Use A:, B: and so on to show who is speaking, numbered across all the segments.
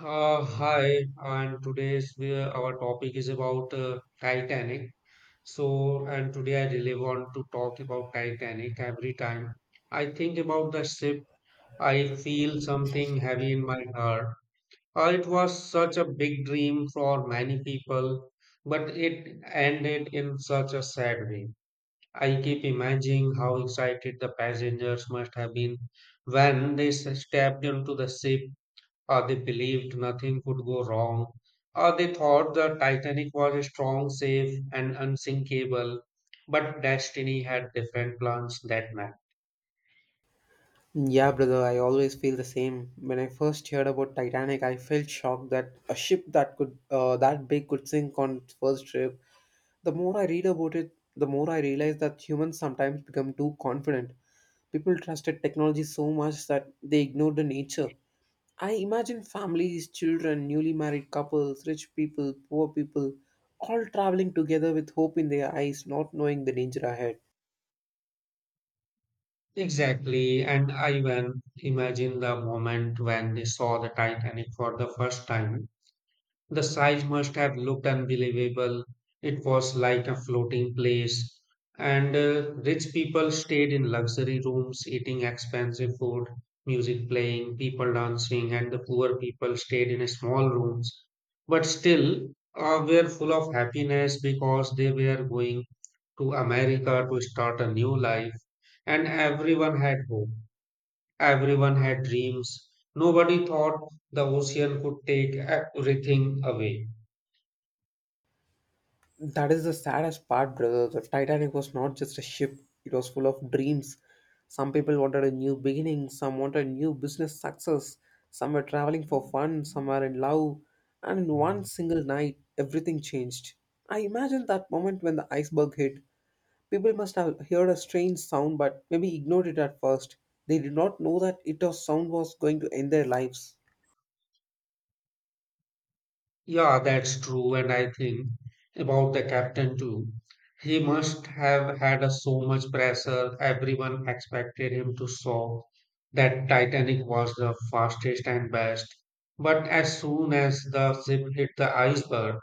A: Hi, and our topic is about Titanic. And today I really want to talk about Titanic. Every time I think about the ship, I feel something heavy in my heart. It was such a big dream for many people, but it ended in such a sad way. I keep imagining how excited the passengers must have been when they stepped into the ship. They believed nothing could go wrong. They thought the Titanic was strong, safe, and unsinkable. But destiny had different plans that night.
B: Yeah, brother, I always feel the same. When I first heard about Titanic, I felt shocked that a ship that big could sink on its first trip. The more I read about it, the more I realize that humans sometimes become too confident. People trusted technology so much that they ignored the nature. I imagine families, children, newly married couples, rich people, poor people, all traveling together with hope in their eyes, not knowing the danger ahead.
A: Exactly, and I even imagine the moment when they saw the Titanic for the first time. The size must have looked unbelievable. It was like a floating place. And rich people stayed in luxury rooms, eating expensive food, music playing, people dancing, and the poor people stayed in small rooms. But still, were full of happiness because they were going to America to start a new life. And everyone had hope. Everyone had dreams. Nobody thought the ocean could take everything away.
B: That is the saddest part, brother. The Titanic was not just a ship, it was full of dreams. Some people wanted a new beginning, some wanted new business success, some were traveling for fun, some were in love, and in one single night, everything changed. I imagine that moment when the iceberg hit. People must have heard a strange sound but maybe ignored it at first. They did not know that it was sound was going to end their lives.
A: Yeah, that's true. And I think about the captain too. He must have had a so much pressure. Everyone expected him to solve that Titanic was the fastest and best. But as soon as the ship hit the iceberg,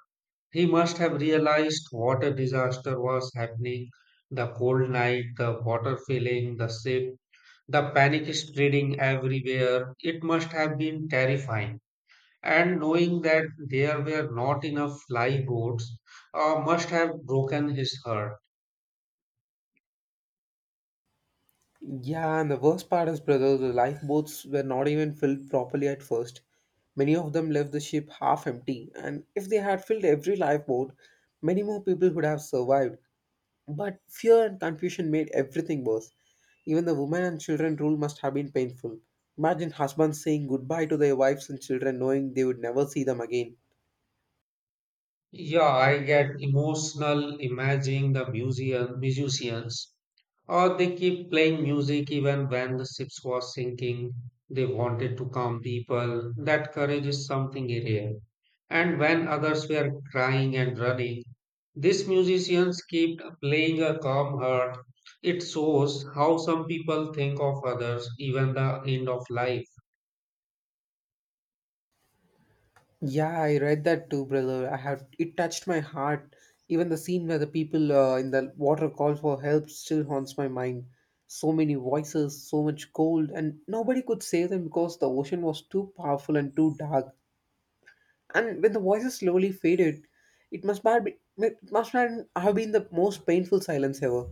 A: he must have realized what a disaster was happening. The cold night, the water filling the ship, the panic spreading everywhere. It must have been terrifying and knowing that there were not enough lifeboats must have broken his heart.
B: Yeah, and the worst part is, brother, the lifeboats were not even filled properly at first. Many of them left the ship half empty, and if they had filled every lifeboat, many more people would have survived. But fear and confusion made everything worse. Even the women and children rule must have been painful. Imagine husbands saying goodbye to their wives and children knowing they would never see them again.
A: Yeah, I get emotional imagining the museum musicians. Or they keep playing music even when the ship was sinking. They wanted to calm people. That courage is something rare. And when others were crying and running, these musicians kept playing a calm heart. It shows how some people think of others, even the end of life.
B: Yeah, I read that too, brother. I have it touched my heart. Even the scene where the people in the water call for help still haunts my mind. So many voices, so much cold, and nobody could save them because the ocean was too powerful and too dark. And when the voices slowly faded, it must have been the most painful silence ever.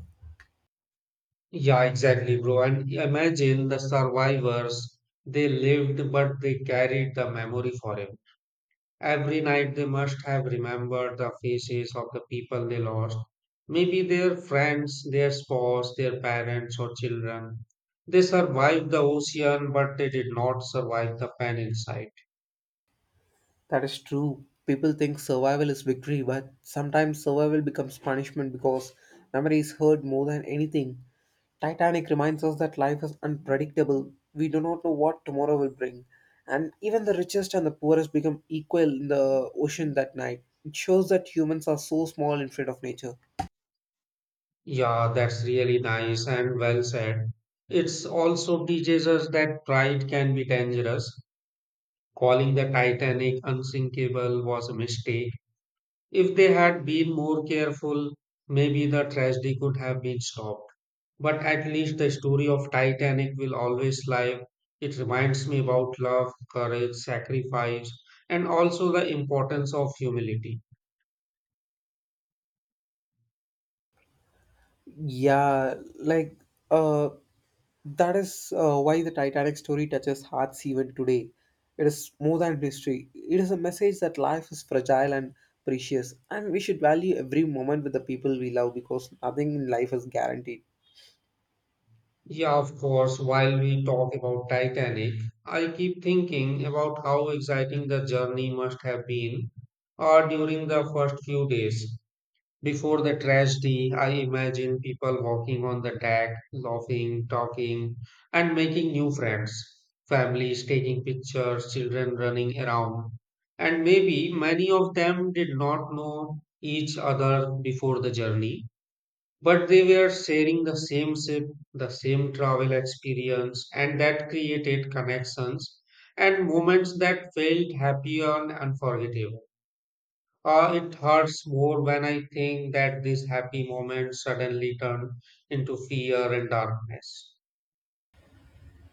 A: Yeah, exactly, bro. And imagine the survivors. They lived, but they carried the memory forever. Every night they must have remembered the faces of the people they lost. Maybe their friends, their spouse, their parents, or children. They survived the ocean, but they did not survive the pen inside.
B: That is true. People think survival is victory, but sometimes survival becomes punishment because memory is hurt more than anything. Titanic reminds us that life is unpredictable. We do not know what tomorrow will bring. And even the richest and the poorest become equal in the ocean that night. It shows that humans are so small in front of nature.
A: Yeah, that's really nice and well said. It's also teaches us that pride can be dangerous. Calling the Titanic unsinkable was a mistake. If they had been more careful, maybe the tragedy could have been stopped. But at least the story of Titanic will always live. It reminds me about love, courage, sacrifice, and also the importance of humility.
B: Yeah, like uh, that is why the Titanic story touches hearts even today. It is more than history. It is a message that life is fragile and precious, and we should value every moment with the people we love because nothing in life is guaranteed.
A: Yeah, of course, while we talk about Titanic, I keep thinking about how exciting the journey must have been during the first few days. Before the tragedy, I imagine people walking on the deck, laughing, talking, and making new friends. Families taking pictures, children running around. And maybe many of them did not know each other before the journey, but they were sharing the same ship, the same travel experience, and that created connections and moments that felt happy and unforgettable. It hurts more when I think that these happy moments suddenly turn into fear and darkness.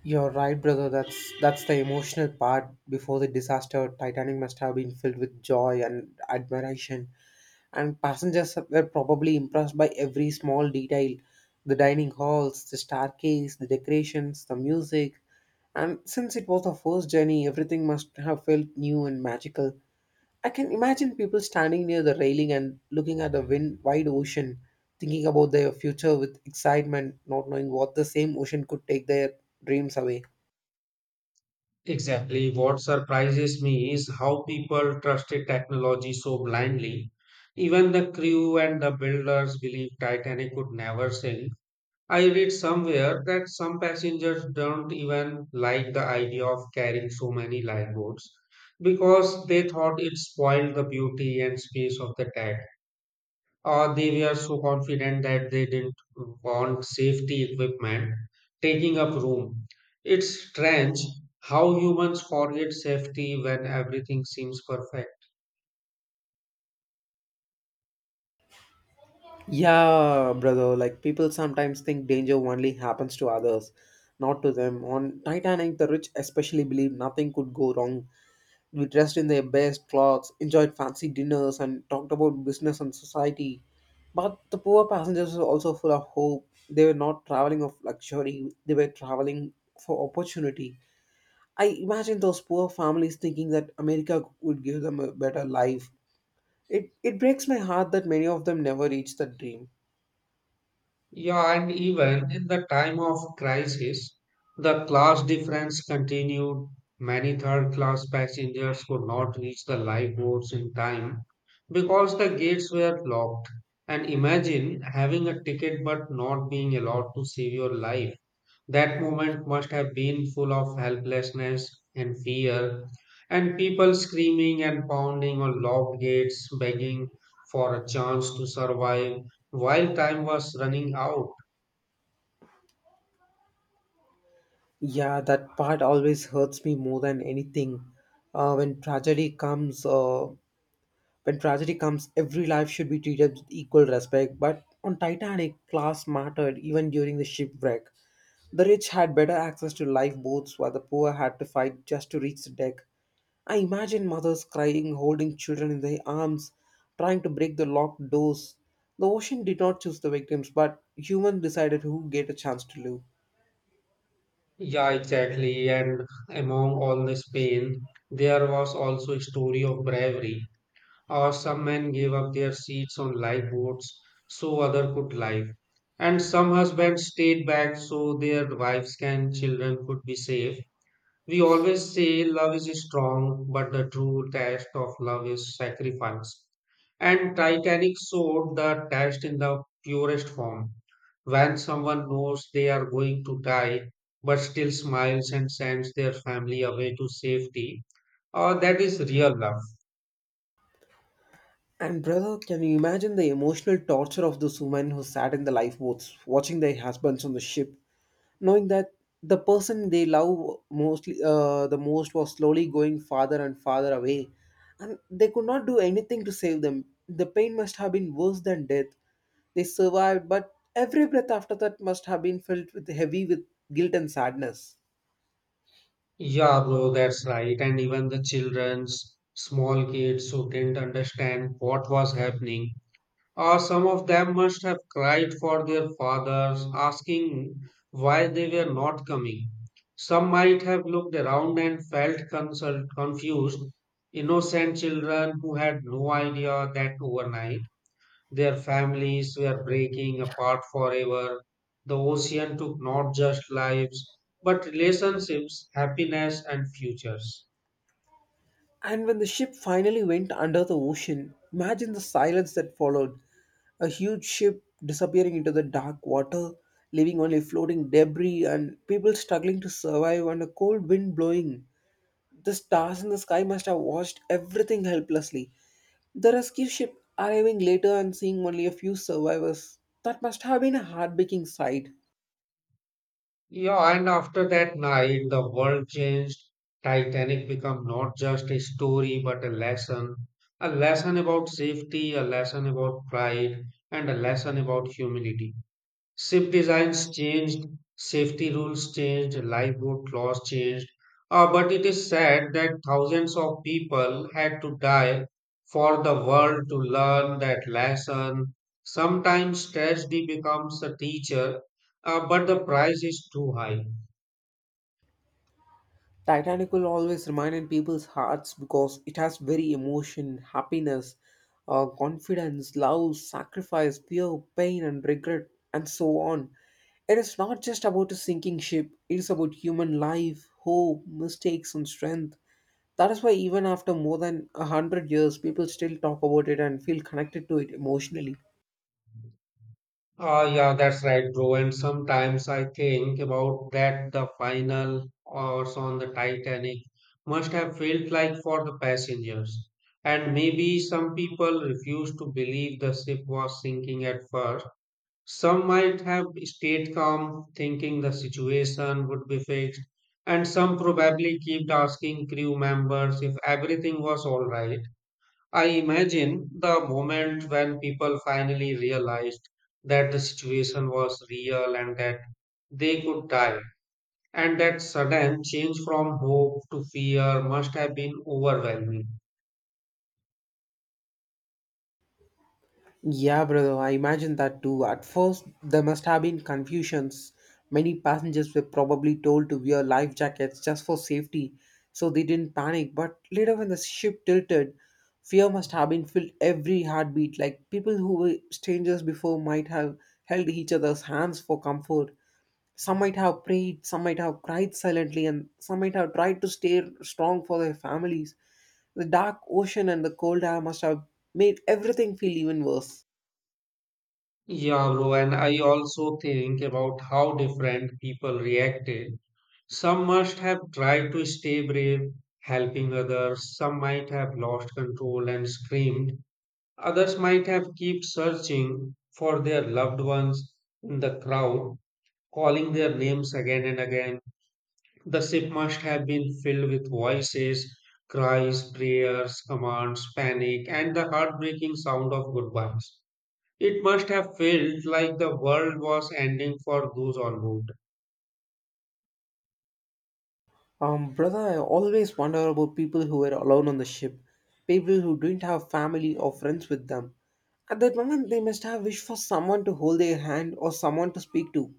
B: You're right, brother. That's the emotional part. Before the disaster, Titanic must have been filled with joy and admiration, and passengers were probably impressed by every small detail, the dining halls, the staircase, the decorations, the music. And since it was the first journey, everything must have felt new and magical. I can imagine people standing near the railing and looking at the wide ocean, thinking about their future with excitement, not knowing what the same ocean could take their dreams away.
A: Exactly, what surprises me is how people trusted technology so blindly. Even the crew and the builders believed Titanic could never sink. I read somewhere that some passengers don't even like the idea of carrying so many lifeboats because they thought it spoiled the beauty and space of the deck. They were so confident that they didn't want safety equipment taking up room. It's strange how humans forget safety when everything seems perfect.
B: Yeah, brother. Like people sometimes think danger only happens to others, not to them. On Titanic, the rich especially believed nothing could go wrong. We dressed in their best clothes, enjoyed fancy dinners, and talked about business and society. But the poor passengers were also full of hope. They were not traveling of luxury. They were traveling for opportunity. I imagine those poor families thinking that America would give them a better life. It breaks my heart that many of them never reach that dream.
A: Yeah, and even in the time of crisis, the class difference continued. Many third class passengers could not reach the lifeboats in time because the gates were locked. And imagine having a ticket but not being allowed to save your life. That moment must have been full of helplessness and fear, and people screaming and pounding on locked gates, begging for a chance to survive while time was running out.
B: Yeah, that part always hurts me more than anything. Uh, when tragedy comes, uh, when tragedy comes, every life should be treated with equal respect. But on Titanic, class mattered even during the shipwreck. The rich had better access to lifeboats, while the poor had to fight just to reach the deck. I imagine mothers crying, holding children in their arms, trying to break the locked doors. The ocean did not choose the victims, but humans decided who get a chance to live.
A: Yeah, exactly. And among all this pain, there was also a story of bravery. Or some men gave up their seats on lifeboats so other could live. And some husbands stayed back so their wives and children could be safe. We always say love is strong, but the true test of love is sacrifice. And Titanic showed the test in the purest form. When someone knows they are going to die, but still smiles and sends their family away to safety, that is real love.
B: And brother, can you imagine the emotional torture of those women who sat in the lifeboats, watching their husbands on the ship, knowing that the person they love mostly the most was slowly going farther and farther away, and they could not do anything to save them. The pain must have been worse than death. They survived, but every breath after that must have been filled with heavy with guilt and sadness.
A: Yeah, bro, that's right. And even the children's small kids who didn't understand what was happening. Or some of them must have cried for their fathers, asking why they were not coming. Some might have looked around and felt confused, innocent children who had no idea that overnight their families were breaking apart forever. The ocean took not just lives, but relationships, happiness, and futures.
B: And when the ship finally went under the ocean, imagine the silence that followed. A huge ship disappearing into the dark water, leaving only floating debris and people struggling to survive and a cold wind blowing. The stars in the sky must have watched everything helplessly. The rescue ship arriving later and seeing only a few survivors. That must have been a heartbreaking sight.
A: Yeah, and after that night, the world changed. Titanic became not just a story, but a lesson. A lesson about safety, a lesson about pride, and a lesson about humility. Ship designs changed, safety rules changed, lifeboat laws changed, but it is sad that thousands of people had to die for the world to learn that lesson. Sometimes tragedy becomes a teacher, but the price is too high.
B: Titanic will always remain in people's hearts because it has very emotion, happiness, confidence, love, sacrifice, fear, pain, and regret, and so on. It is not just about a sinking ship, it is about human life, hope, mistakes, and strength. That is why, even after more than 100 years, people still talk about it and feel connected to it emotionally.
A: Yeah, that's right, bro. And sometimes I think about that the final hours on the Titanic must have felt like for the passengers. And maybe some people refused to believe the ship was sinking at first. Some might have stayed calm, thinking the situation would be fixed. And some probably kept asking crew members if everything was all right. I imagine the moment when people finally realized that the situation was real and that they could die, and that sudden change from hope to fear must have been overwhelming.
B: Yeah, brother, I imagine that too. At first, there must have been confusions. Many passengers were probably told to wear life jackets just for safety, so they didn't panic. But later, when the ship tilted, fear must have been filled every heartbeat. Like people who were strangers before might have held each other's hands for comfort. Some might have prayed, some might have cried silently, and some might have tried to stay strong for their families. The dark ocean and the cold air must have made everything feel even worse.
A: Yeah, bro, and I also think about how different people reacted. Some must have tried to stay brave, helping others, some might have lost control and screamed. Others might have kept searching for their loved ones in the crowd, calling their names again and again. The ship must have been filled with voices, cries, prayers, commands, panic, and the heartbreaking sound of goodbyes. It must have felt like the world was ending for those on board.
B: Brother, I always wonder about people who were alone on the ship, people who didn't have family or friends with them. At that moment, they must have wished for someone to hold their hand or someone to speak to.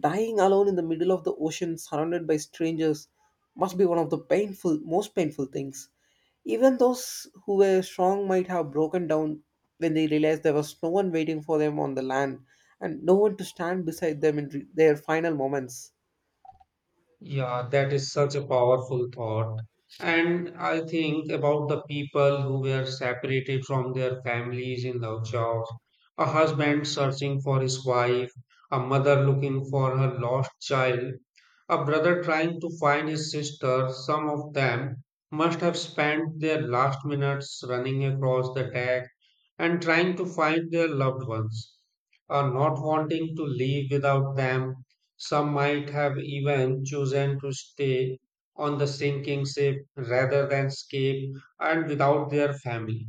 B: Dying alone in the middle of the ocean, surrounded by strangers, must be one of the most painful things. Even those who were strong might have broken down when they realized there was no one waiting for them on the land and no one to stand beside them in their final moments.
A: Yeah, that is such a powerful thought. And I think about the people who were separated from their families in love jobs, a husband searching for his wife, a mother looking for her lost child, a brother trying to find his sister. Some of them must have spent their last minutes running across the deck and trying to find their loved ones, or not wanting to leave without them. Some might have even chosen to stay on the sinking ship rather than escape and without their family.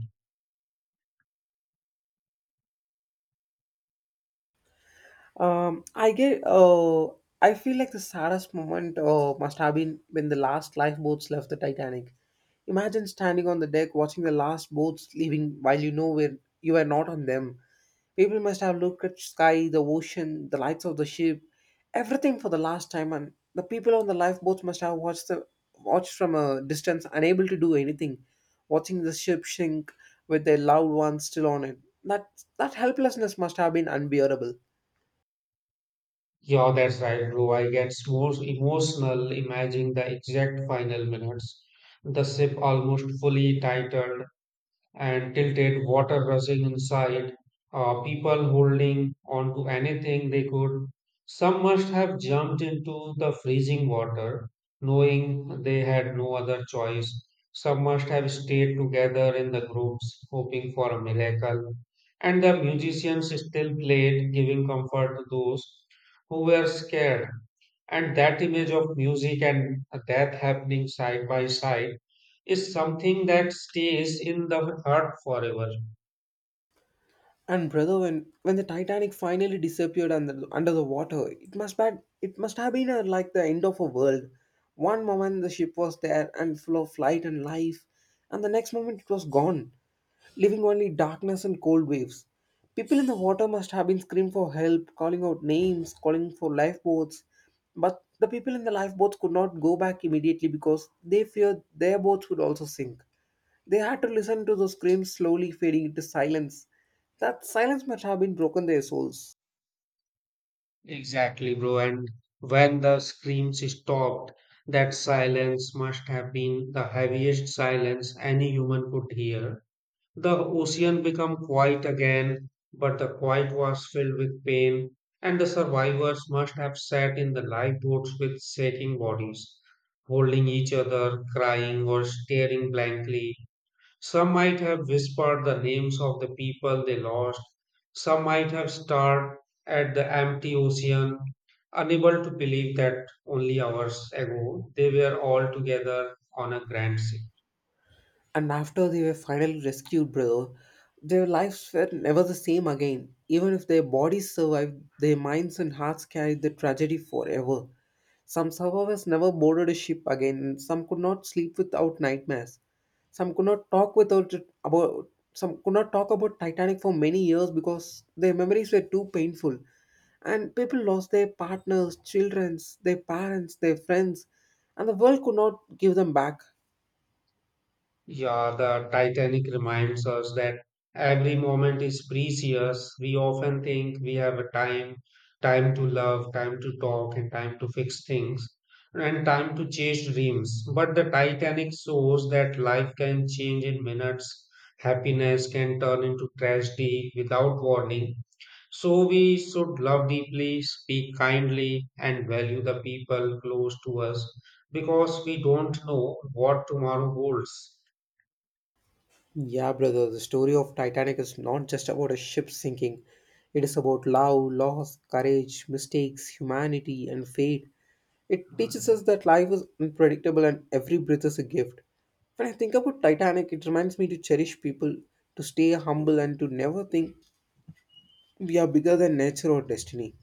B: I get. I feel like the saddest moment must have been when the last lifeboats left the Titanic. Imagine standing on the deck watching the last boats leaving while you know where you are not on them. People must have looked at sky, the ocean, the lights of the ship, everything for the last time, and the people on the lifeboats must have watched from a distance, unable to do anything, watching the ship sink with their loved ones still on it. That helplessness must have been unbearable.
A: Yeah, that's right, bro. I get more emotional imagining the exact final minutes. The ship almost fully titled and tilted, water rushing inside, people holding on to anything they could. Some must have jumped into the freezing water, knowing they had no other choice. Some must have stayed together in the groups, hoping for a miracle. And the musicians still played, giving comfort to those who were scared. And that image of music and death happening side by side is something that stays in the heart forever.
B: And brother, when the Titanic finally disappeared under the water, it must have been like the end of a world. One moment the ship was there and full of light and life, and the next moment it was gone, leaving only darkness and cold waves. People in the water must have been screaming for help, calling out names, calling for lifeboats, but the people in the lifeboats could not go back immediately because they feared their boats would also sink. They had to listen to those screams slowly fading into silence. That silence must have been broken their souls.
A: Exactly, bro. And when the screams stopped, that silence must have been the heaviest silence any human could hear. The ocean became quiet again, but the quiet was filled with pain, and the survivors must have sat in the lifeboats with shaking bodies, holding each other, crying, or staring blankly. Some might have whispered the names of the people they lost, some might have stared at the empty ocean, unable to believe that only hours ago they were all together on a grand sea.
B: And after they were finally rescued, bro, their lives were never the same again. Even if their bodies survived, their minds and hearts carried the tragedy forever. Some survivors never boarded a ship again, and some could not sleep without nightmares. Some could not talk about Titanic for many years because their memories were too painful. And people lost their partners, childrens, their parents, their friends, and the world could not give them back.
A: Yeah, the Titanic reminds us that every moment is precious. We often think we have a time, time to love, time to talk, and time to fix things, and time to chase dreams. But the Titanic shows that life can change in minutes. Happiness can turn into tragedy without warning. So we should love deeply, speak kindly, and value the people close to us because we don't know what tomorrow holds.
B: Yeah, brother, the story of Titanic is not just about a ship sinking. It is about love, loss, courage, mistakes, humanity, and fate. It teaches us that life is unpredictable and every breath is a gift. When I think about Titanic, it reminds me to cherish people, to stay humble, and to never think we are bigger than nature or destiny.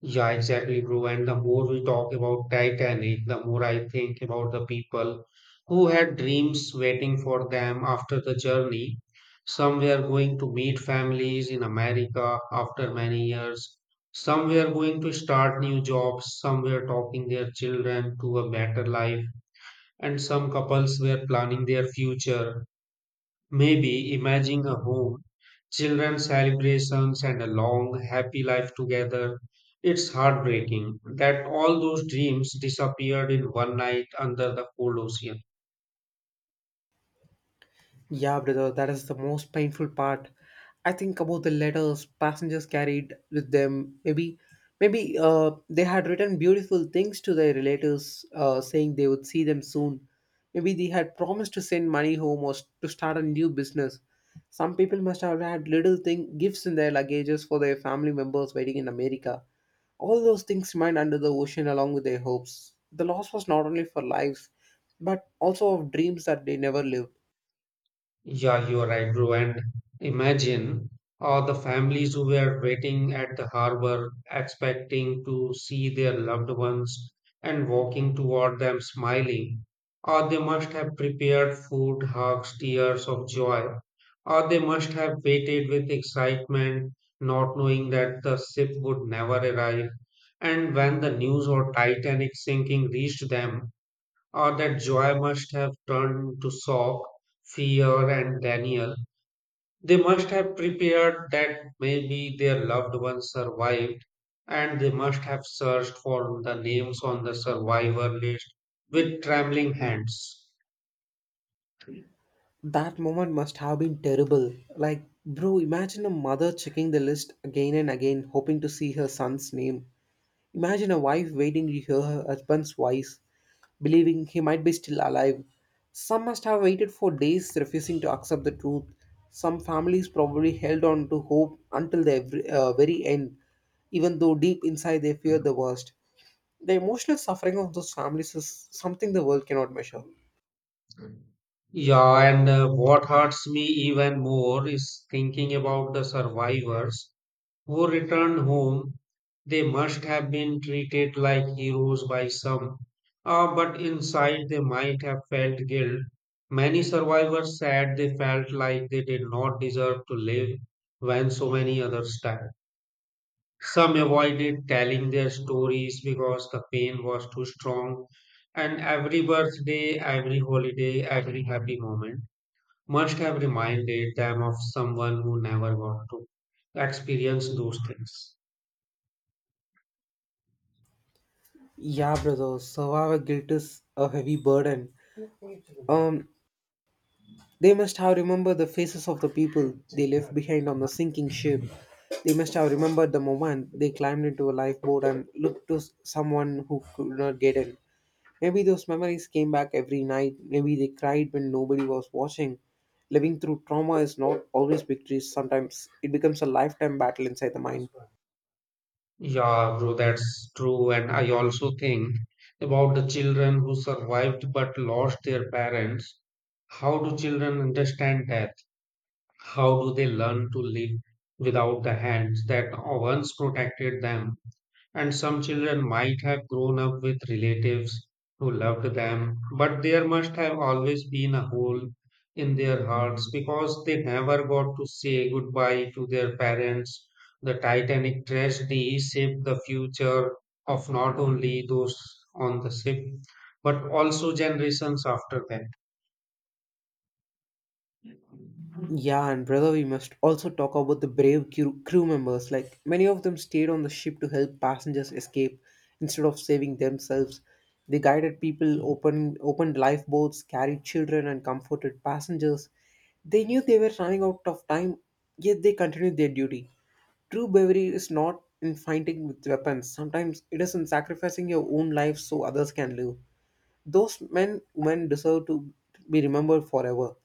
A: Yeah, exactly, bro. And the more we talk about Titanic, the more I think about the people who had dreams waiting for them after the journey. Some were going to meet families in America after many years. Some were going to start new jobs. Some were talking their children to a better life. And some couples were planning their future. Maybe imagine a home, children celebrations and a long happy life together. It's heartbreaking that all those dreams disappeared in one night under the cold ocean.
B: Yeah, brother, that is the most painful part. I think about the letters passengers carried with them. Maybe, they had written beautiful things to their relatives, saying they would see them soon. Maybe they had promised to send money home or to start a new business. Some people must have had little thing gifts in their luggages for their family members waiting in America. All those things remained under the ocean along with their hopes. The loss was not only for lives, but also of dreams that they never lived.
A: Yeah, you are right, bro. And imagine all the families who were waiting at the harbor, expecting to see their loved ones and walking toward them smiling. Or they must have prepared food, hugs, tears of joy. Or they must have waited with excitement, not knowing that the ship would never arrive. And when the news of Titanic sinking reached them, or that joy must have turned to shock, fear, and Daniel. They must have prepared that maybe their loved ones survived, and they must have searched for the names on the survivor list with trembling hands.
B: That moment must have been terrible. Like, bro, imagine a mother checking the list again and again, hoping to see her son's name. Imagine a wife waiting to hear her husband's voice, believing he might be still alive. Some must have waited for days, refusing to accept the truth. Some families probably held on to hope until the very end, even though deep inside they fear the worst. The emotional suffering of those families is something the world cannot measure.
A: Yeah, and what hurts me even more is thinking about the survivors who returned home. They must have been treated like heroes by some, but inside they might have felt guilt. Many survivors said they felt like they did not deserve to live when so many others died. Some avoided telling their stories because the pain was too strong, and every birthday, every holiday, every happy moment must have reminded them of someone who never got to experience those things.
B: Yeah, brother, survivor guilt is a heavy burden. Um, they must have remembered the faces of the people they left behind on the sinking ship. They must have remembered the moment they climbed into a lifeboat and looked to someone who could not get in. Maybe those memories came back every night. Maybe they cried when nobody was watching. Living through trauma is not always victory. Sometimes it becomes a lifetime battle inside the mind.
A: Yeah, bro, that's true. And I also think about the children who survived but lost their parents. How do children understand death? How do they learn to live without the hands that once protected them? And some children might have grown up with relatives who loved them, but there must have always been a hole in their hearts because they never got to say goodbye to their parents. The Titanic tragedy shaped the future of not only those on the ship, but also generations after them.
B: Yeah, and brother, we must also talk about the brave crew members. Like many of them stayed on the ship to help passengers escape instead of saving themselves. They guided people, opened lifeboats, carried children, and comforted passengers. They knew they were running out of time, yet they continued their duty. True bravery is not in fighting with weapons. Sometimes it is in sacrificing your own life so others can live. Those men, women deserve to be remembered forever.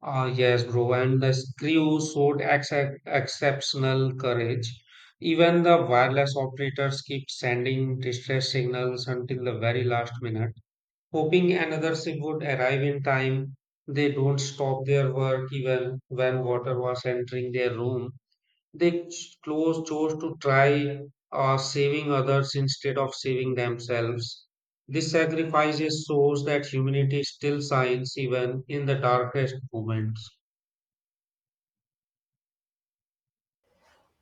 A: Ah, yes, bro. And the crew showed exceptional courage. Even the wireless operators keep sending distress signals until the very last minute, hoping another ship would arrive in time. They don't stop their work even when water was entering their room. They ch- close chose to try saving others instead of saving themselves. This sacrifice shows that humanity still shines even in the darkest moments.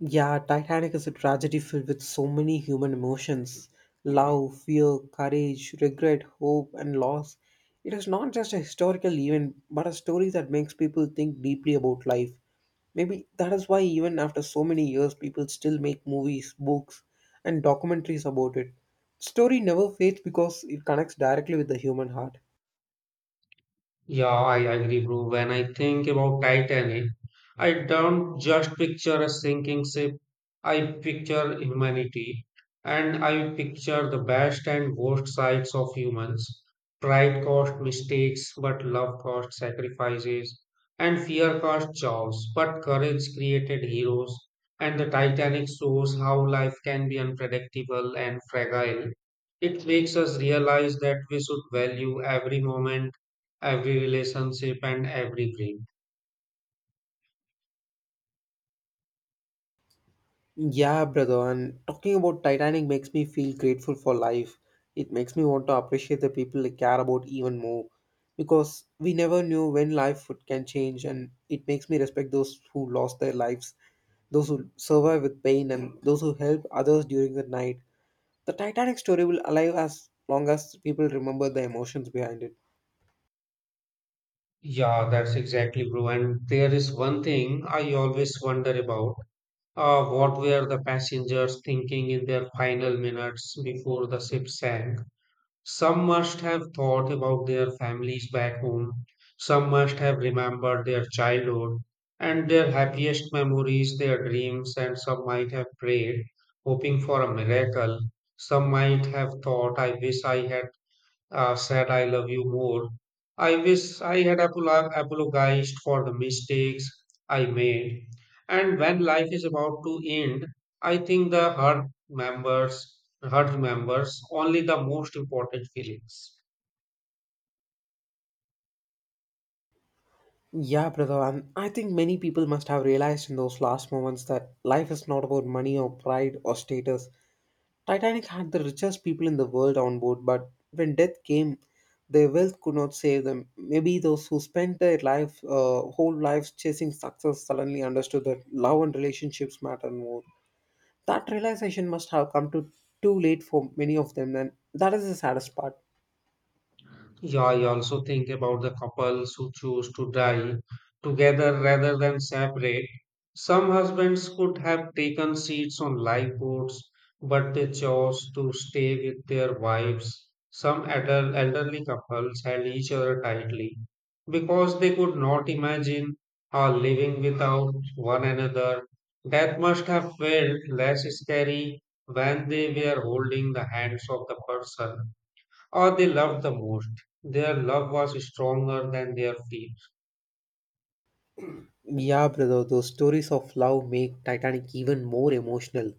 B: Yeah, Titanic is a tragedy filled with so many human emotions: love, fear, courage, regret, hope, and loss. It is not just a historical event, but a story that makes people think deeply about life. Maybe that is why, even after so many years, people still make movies, books, and documentaries about it. The story never fades because it connects directly with the human heart.
A: Yeah, I agree, bro. When I think about Titanic, I don't just picture a sinking ship. I picture humanity, and I picture the best and worst sides of humans. Pride caused mistakes, but love caused sacrifices, and fear caused chaos, but courage created heroes. And the Titanic shows how life can be unpredictable and fragile. It makes us realize that we should value every moment, every relationship, and every dream.
B: Yeah, brother, and talking about Titanic makes me feel grateful for life. It makes me want to appreciate the people I care about even more because we never knew when life would- can change, and it makes me respect those who lost their lives, those who survive with pain, and those who help others during the night. The Titanic story will alive as long as people remember the emotions behind it.
A: Yeah, that's exactly true. And there is one thing I always wonder about. What were the passengers thinking in their final minutes before the ship sank? Some must have thought about their families back home. Some must have remembered their childhood and their happiest memories, their dreams, and some might have prayed, hoping for a miracle. Some might have thought, I wish I had said I love you more. I wish I had apologized for the mistakes I made. And when life is about to end, I think the hurt members only the most important feelings.
B: Yeah, brother, and I think many people must have realized in those last moments that life is not about money or pride or status. Titanic had the richest people in the world on board, but when death came, their wealth could not save them. Maybe those who spent their whole lives chasing success suddenly understood that love and relationships matter more. That realization must have come to too late for many of them, and that is the saddest part.
A: Yeah, I also think about the couples who choose to die together rather than separate. Some husbands could have taken seats on lifeboats, but they chose to stay with their wives. Some adult, elderly couples held each other tightly because they could not imagine living without one another. Death must have felt less scary when they were holding the hands of the person or they loved the most. Their love was stronger than their fear.
B: Yeah, brother, those stories of love make Titanic even more emotional.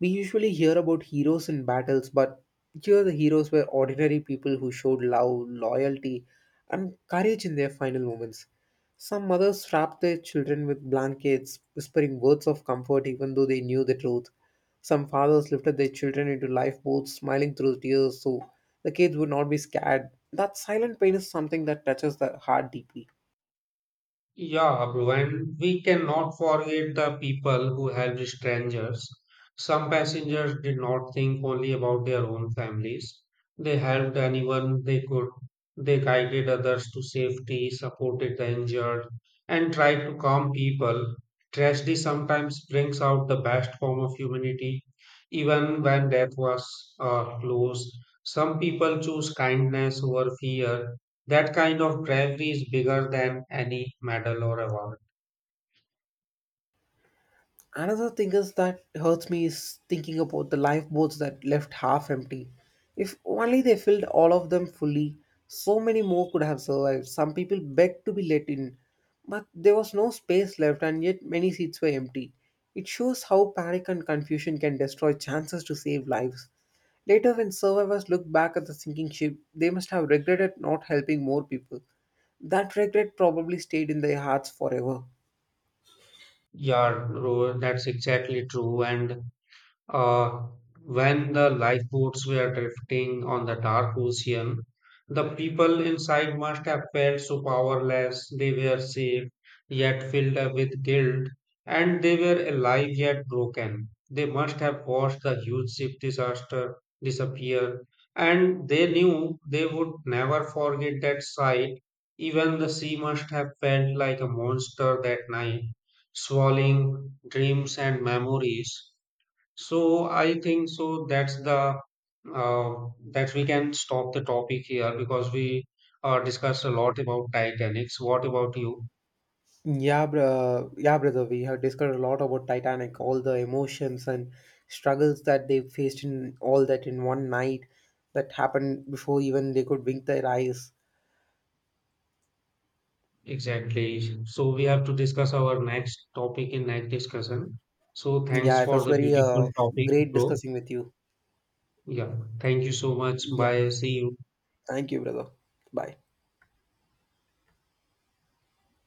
B: We usually hear about heroes in battles, but here the heroes were ordinary people who showed love, loyalty, and courage in their final moments. Some mothers wrapped their children with blankets, whispering words of comfort even though they knew the truth. Some fathers lifted their children into lifeboats, smiling through tears so the kids would not be scared. That silent pain is something that touches the heart deeply.
A: Yeah, bro, and we cannot forget the people who helped strangers. Some passengers did not think only about their own families. They helped anyone they could. They guided others to safety, supported the injured, and tried to calm people. Tragedy sometimes brings out the best form of humanity. Even when death was close, some people choose kindness over fear. That kind of bravery is bigger than any medal or award.
B: Another thing is that hurts me is thinking about the lifeboats that left half empty. If only they filled all of them fully, so many more could have survived. Some people begged to be let in, but there was no space left, and yet many seats were empty. It shows how panic and confusion can destroy chances to save lives. Later, when survivors look back at the sinking ship, they must have regretted not helping more people. That regret probably stayed in their hearts forever.
A: Yeah, Rohan, that's exactly true. And Uh, when the lifeboats were drifting on the dark ocean, the people inside must have felt so powerless. They were safe, yet filled up with guilt, and they were alive yet broken. They must have watched the huge ship disaster disappear, and they knew they would never forget that sight. Even the sea must have felt like a monster that night, swallowing dreams and memories. So I think so that's the uh, that we can stop the topic here because we discussed a lot about Titanics. What about you,
B: Yeah, bro. Yeah, brother. We have discussed a lot about Titanic, all the emotions and struggles that they faced in all that in one night that happened before even they could wink their eyes.
A: exactly? So we have to discuss our next topic in next discussion. So thanks
B: Yeah, it
A: for
B: was
A: the
B: very
A: beautiful topic,
B: great
A: bro.
B: discussing with you.
A: Yeah, thank you so much.
B: Yeah.
A: Bye. See you.
B: Thank you, brother. Bye.